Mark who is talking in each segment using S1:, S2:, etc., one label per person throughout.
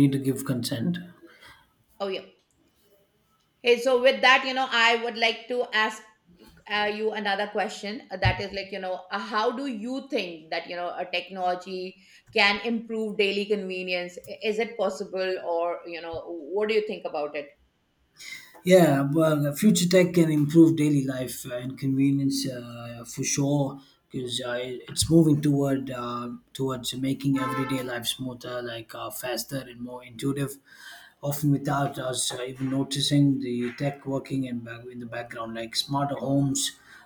S1: Need to give consent.
S2: Oh, yeah. Hey, so with that, you know, I would like to ask you another question. That is like, you know, how do you think that, you know, a technology can improve daily convenience? Is it possible or, you know, what do you think about it?
S1: Yeah, well, future tech can improve daily life and convenience for sure because it's moving towards making everyday life smoother, like faster and more intuitive, often without us even noticing the tech working in the background. Like smarter homes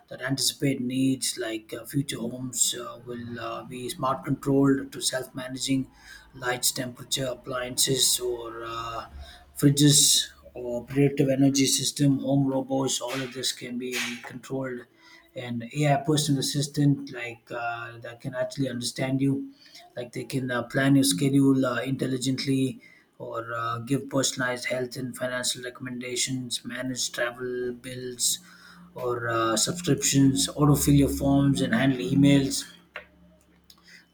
S1: that anticipate needs, like future homes will be smart controlled to self managing lights, temperature, appliances, or fridges, or predictive energy system, home robots. All of this can be controlled, and AI personal assistant like that can actually understand you, like they can plan your schedule intelligently or give personalized health and financial recommendations, manage travel bills or subscriptions, autofill your forms and handle emails.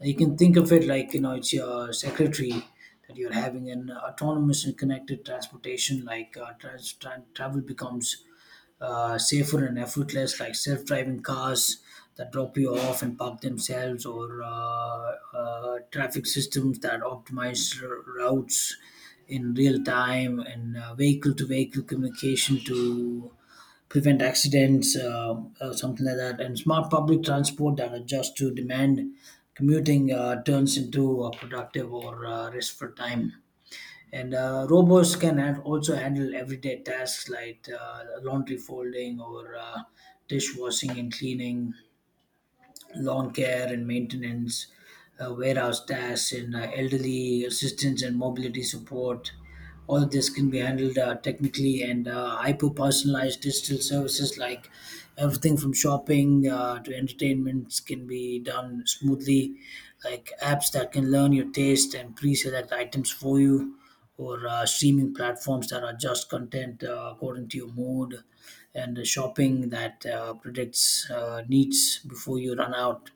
S1: You can think of it like, it's your secretary that you're having. An autonomous and connected transportation, like travel becomes safer and effortless, like self-driving cars that drop you off and park themselves, or traffic systems that optimize routes in real time, and vehicle-to-vehicle communication to prevent accidents, something like that. And smart public transport that adjusts to demand. Commuting turns into a productive or restful time. And robots can have also handle everyday tasks like laundry folding or dishwashing and cleaning, lawn care and maintenance, warehouse tasks, and elderly assistance and mobility support. All of this can be handled technically, and hyper personalized digital services like everything from shopping to entertainments can be done smoothly, like apps that can learn your taste and pre select items for you, or streaming platforms that adjust content according to your mood, and shopping that predicts needs before you run out,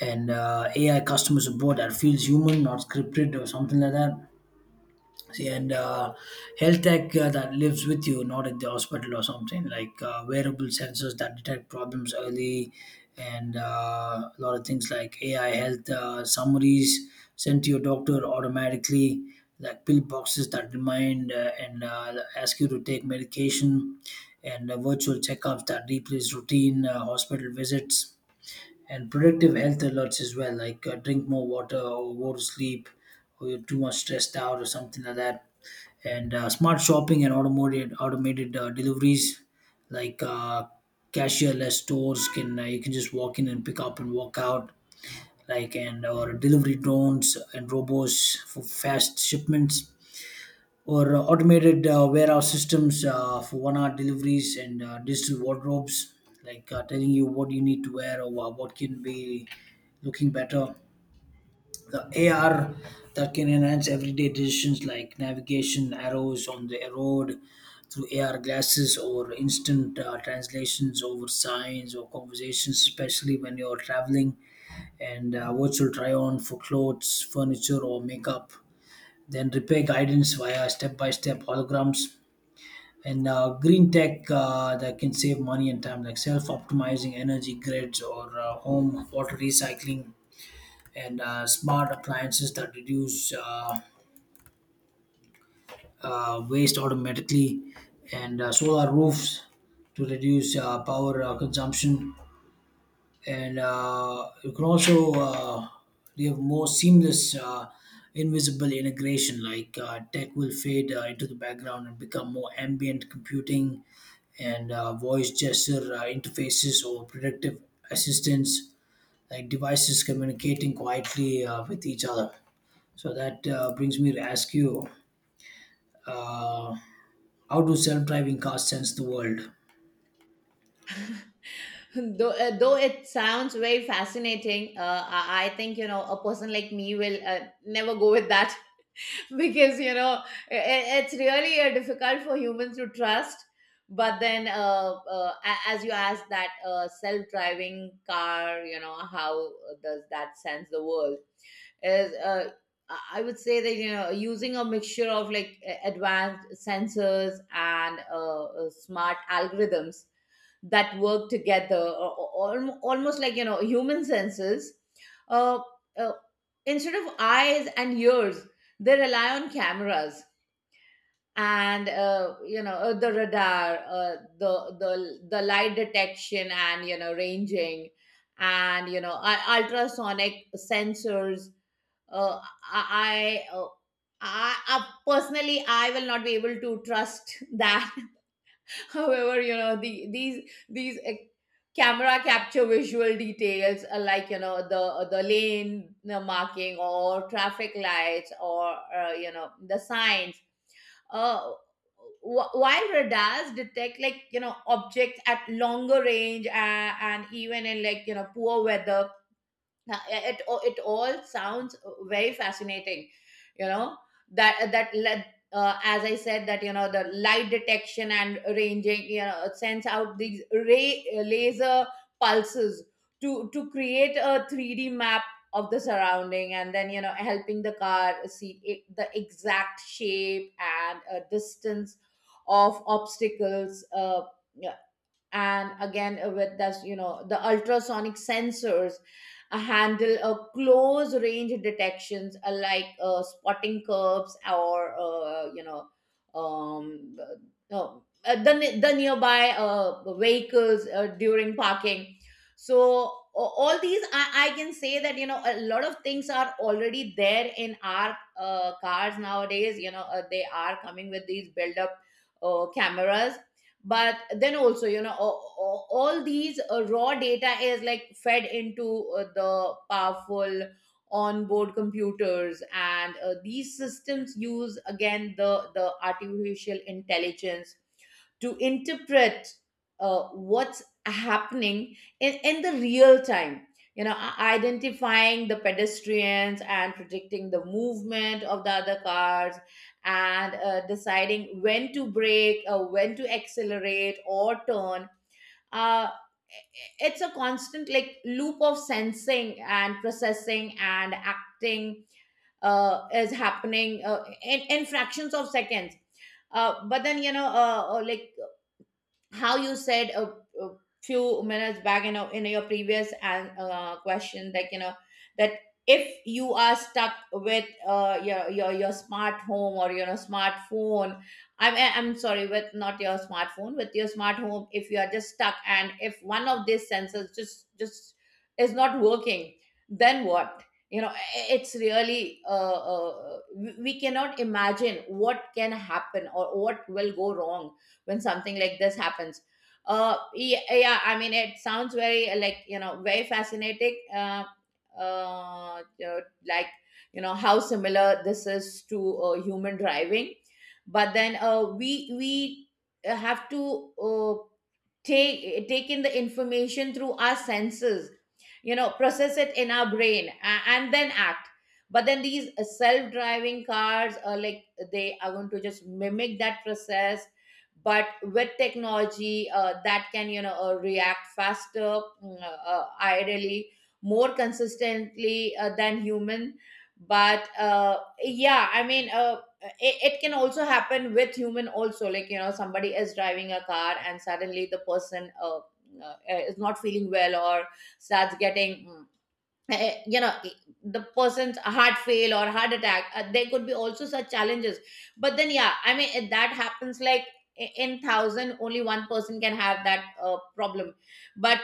S1: and AI customer support that feels human, not scripted or something like that. See, and health tech that lives with you, not at the hospital or something, like wearable sensors that detect problems early, and a lot of things like AI health summaries sent to your doctor automatically, like pill boxes that remind and ask you to take medication, and virtual checkups that replace routine hospital visits, and predictive health alerts as well, like drink more water or go to sleep, or you're too much stressed out or something like that, and smart shopping and automated deliveries like cashierless stores. Can you can just walk in and pick up and walk out, like, and or delivery drones and robots for fast shipments, or automated warehouse systems for 1 hour deliveries, and digital wardrobes like telling you what you need to wear or what can be looking better. The AR that can enhance everyday decisions like navigation, arrows on the road through AR glasses, or instant translations over signs or conversations, especially when you're traveling, and virtual try on for clothes, furniture, or makeup. Then repair guidance via step by step holograms. And green tech that can save money and time, like self optimizing energy grids, or home water recycling, and smart appliances that reduce waste automatically, and solar roofs to reduce power consumption. And you can also you have more seamless, invisible integration. Like tech will fade into the background and become more ambient computing, and voice gesture interfaces or predictive assistants, like devices communicating quietly with each other. So that brings me to ask you, uh, how do self-driving cars sense the world?
S2: Though it sounds very fascinating, I think, you know, a person like me will never go with that because, you know, it's really difficult for humans to trust. But then as you asked that, self-driving car, you know, how does that sense the world? Is uh, i I would say that, you know, using a mixture that work together, almost like, you know, human senses. uh, uh, Instead of eyes and ears, they rely on cameras and, you know, the radar, the light detection and, you know, ranging, and, you know, ultrasonic sensors. uh, i i uh, I personally I will not be able to trust that. However, you know, these camera capture visual details, like, you know, the lane, marking, or traffic lights, or, you know, the signs. Uh, while radars detect, like, you know, objects at longer range, and even in, like, you know, poor weather. Now, it all sounds very fascinating, you know. That that let As I said, that, you know, the light detection and ranging, you know, sends out these ray laser pulses to create a 3D map of the surrounding, and then, you know, helping the car see it, the exact shape and, distance of obstacles. Yeah, and again, with this, you know, the ultrasonic sensors handle a close range detections, like, spotting curbs or, you know, um, uh, no, the, ne- the nearby vehicles during parking. So all these, I can say that, you know, a lot of things are already there in our cars nowadays, you know, they are coming with these build up, cameras. But then also, you know, all these raw data is like fed into, the powerful onboard computers, and, these systems use, again, the artificial intelligence to interpret what's happening in the real time, you know, identifying the pedestrians and predicting the movement of the other cars, and, deciding when to brake, when to accelerate or turn. Uh, it's a constant, like, loop of sensing and processing and acting, is happening, in fractions of seconds. But then, you know, like, how you said, a few minutes back in your previous question, like, you know, that, if you are stuck with, your your smart home or your smartphone. I'm sorry, with not your smartphone, with your smart home, if you are just stuck, and if one of these sensors just is not working, then what? You know, it's really, we cannot imagine what can happen or what will go wrong when something like this happens. Yeah, yeah, I mean, it sounds very, like, you know, very fascinating. Uh you like you know, how similar this is to, human driving. But then, we have to, take in the information through our senses, you know, process it in our brain, and then act. But then these, self-driving cars are, like, they are going to just mimic that process but with technology that can, you know, react faster, ideally, more consistently than human. But, yeah, I mean, it, it can also happen with human also, like, you know, somebody is driving a car and suddenly the person, is not feeling well, or starts getting you know, the person's heart fail or heart attack, there could be also such challenges. But then, yeah, I mean, if that happens, like, in thousand, only one person can have that problem. But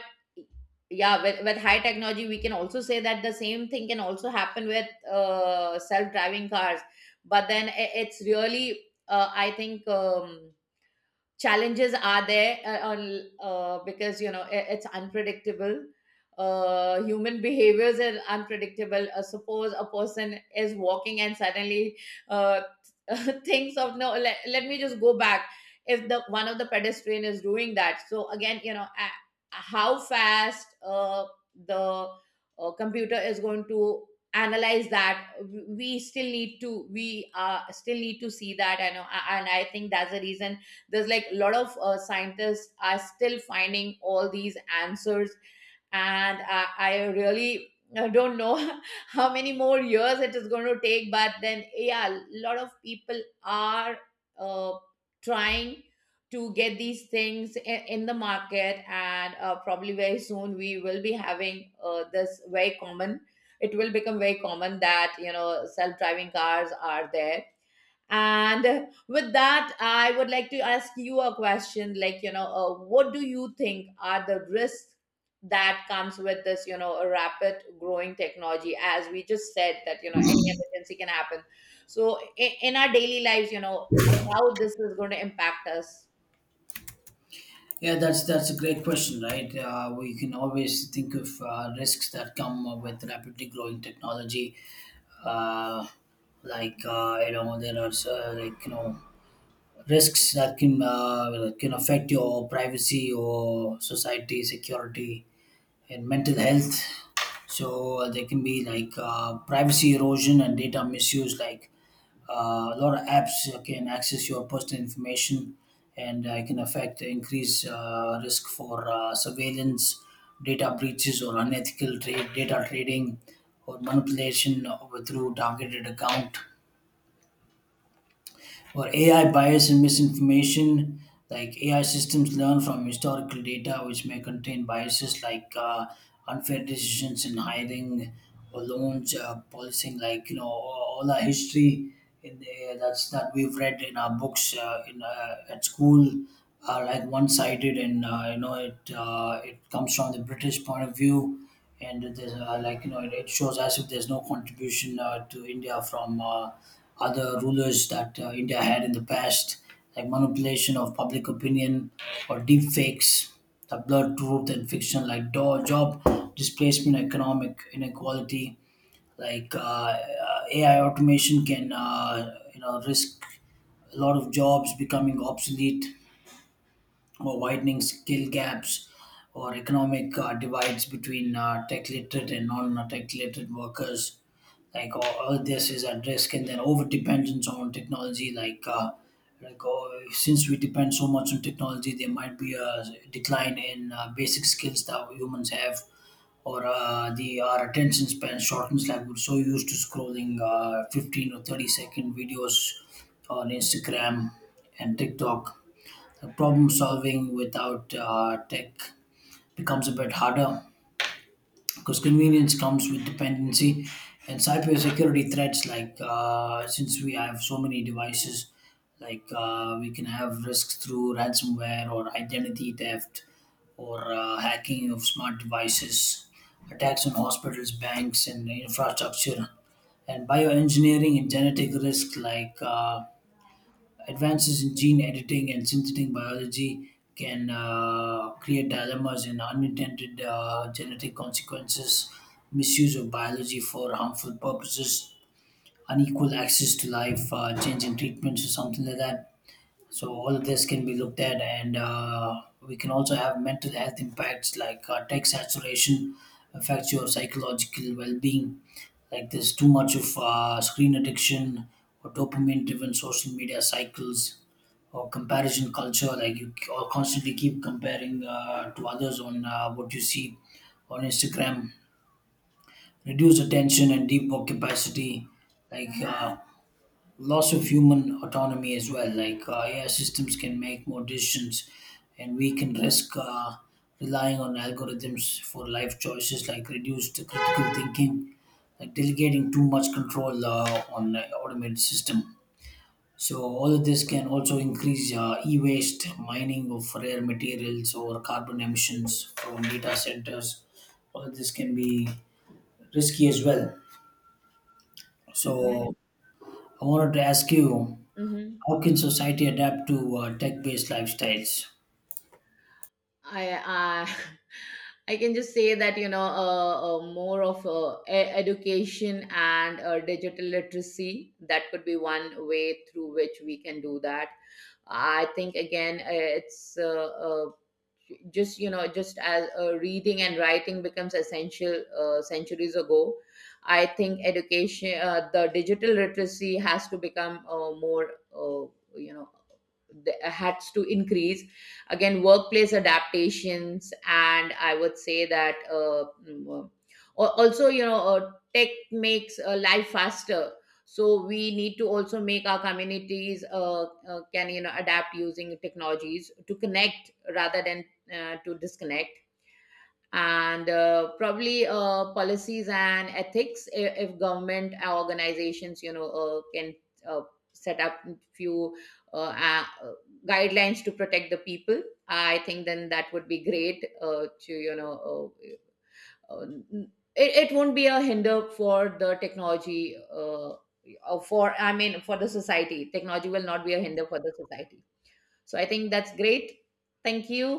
S2: yeah, with high technology, we can also say that the same thing can also happen with, self-driving cars. But then, it's really, I think, challenges are there on because, you know, it, it's unpredictable. Human behaviors are unpredictable. Suppose a person is walking and suddenly uh thinks of, no, let me just go back. If the one of the pedestrian is doing that, so again, you know, how fast the computer is going to analyze that, we still need to, we still need to see that. I know, and I think that's the reason there's, like, a lot of, scientists are still finding all these answers. And I really, don't know how many more years it is going to take. But then, yeah, a lot of people are, uh, trying to get these things in the market, and, probably very soon we will be having, this very common. It will become very common that, you know, self-driving cars are there. And with that, I would like to ask you a question, like, you know, what do you think are the risks that comes with this, you know, a rapid growing technology? As we just said that, you know, any emergency can happen. So in our daily lives, you know, how this is going to impact us.
S1: Yeah, that's a great question, right? We can always think of risks that come with rapidly growing technology, uh, like, you know, there are, like, risks that can affect your privacy or society security and mental health. So there can be like privacy erosion and data misuse. Like a lot of apps can access your personal information, and it can affect increase risk for surveillance, data breaches, or unethical trade data trading or manipulation through targeted account, or AI bias and misinformation. Like AI systems learn from historical data, which may contain biases, like unfair decisions in hiring or loans, policing, like, you know, all our history in the, that's that we've read in our books in at school are like one-sided, and you know it it comes from the British point of view, and there's like, you know, it shows as if there's no contribution to India from other rulers that India had in the past, like manipulation of public opinion or deep fakes, the blurred truth and fiction, like job displacement, economic inequality, like AI automation can, you know, risk a lot of jobs becoming obsolete or widening skill gaps or economic divides between tech literate and non tech literate workers. Like all this is at risk, and then over dependence on technology. Like, like, oh, since we depend so much on technology, there might be a decline in basic skills that humans have, or the our attention span shortens. Like we're so used to scrolling 15 or 30-second videos on Instagram and TikTok. The problem solving without tech becomes a bit harder because convenience comes with dependency, and cybersecurity threats like since we have so many devices, like we can have risks through ransomware or identity theft, or hacking of smart devices, attacks on hospitals, banks and infrastructure, and bioengineering and genetic risk, like advances in gene editing and synthetic biology can create dilemmas in unintended genetic consequences, misuse of biology for harmful purposes, unequal access to life, change in treatments, or something like that. So, all of this can be looked at, and we can also have mental health impacts like tech saturation affects your psychological well being. Like, there's too much of screen addiction or dopamine driven social media cycles or comparison culture, like or constantly keep comparing to others on what you see on Instagram, reduce attention and deep work capacity, like loss of human autonomy as well, like AI systems can make more decisions and we can risk relying on algorithms for life choices, like reduced critical thinking, like delegating too much control on an automated system. So all of this can also increase e-waste, mining of rare materials, or carbon emissions from data centers. All of this can be risky as well.
S2: Yeah.
S1: So I wanted to ask you,
S2: Mhm.
S1: how can society adapt to tech-based lifestyles?
S2: I I I can just say that, you know, more of, education and, digital literacy, that could be one way through which we can do that. I think, again, it's, just, you know, just as, reading and writing becomes essential centuries ago. I think education, the digital literacy has to become, more, you know, had to increase. Again, workplace adaptations, and I would say that, also, you know, tech makes, life faster. So we need to also make our communities, can, you know, adapt using technologies to connect, rather than, to disconnect. And, probably, policies and ethics, if government organizations, you know, can, uh, set up few, uh, uh, guidelines to protect the people, I think then that would be great, to, you know, uh, uh, it won't be a hinder for the technology, for I mean, for the society, technology will not be a hinder for the society. So I think that's great. Thank you.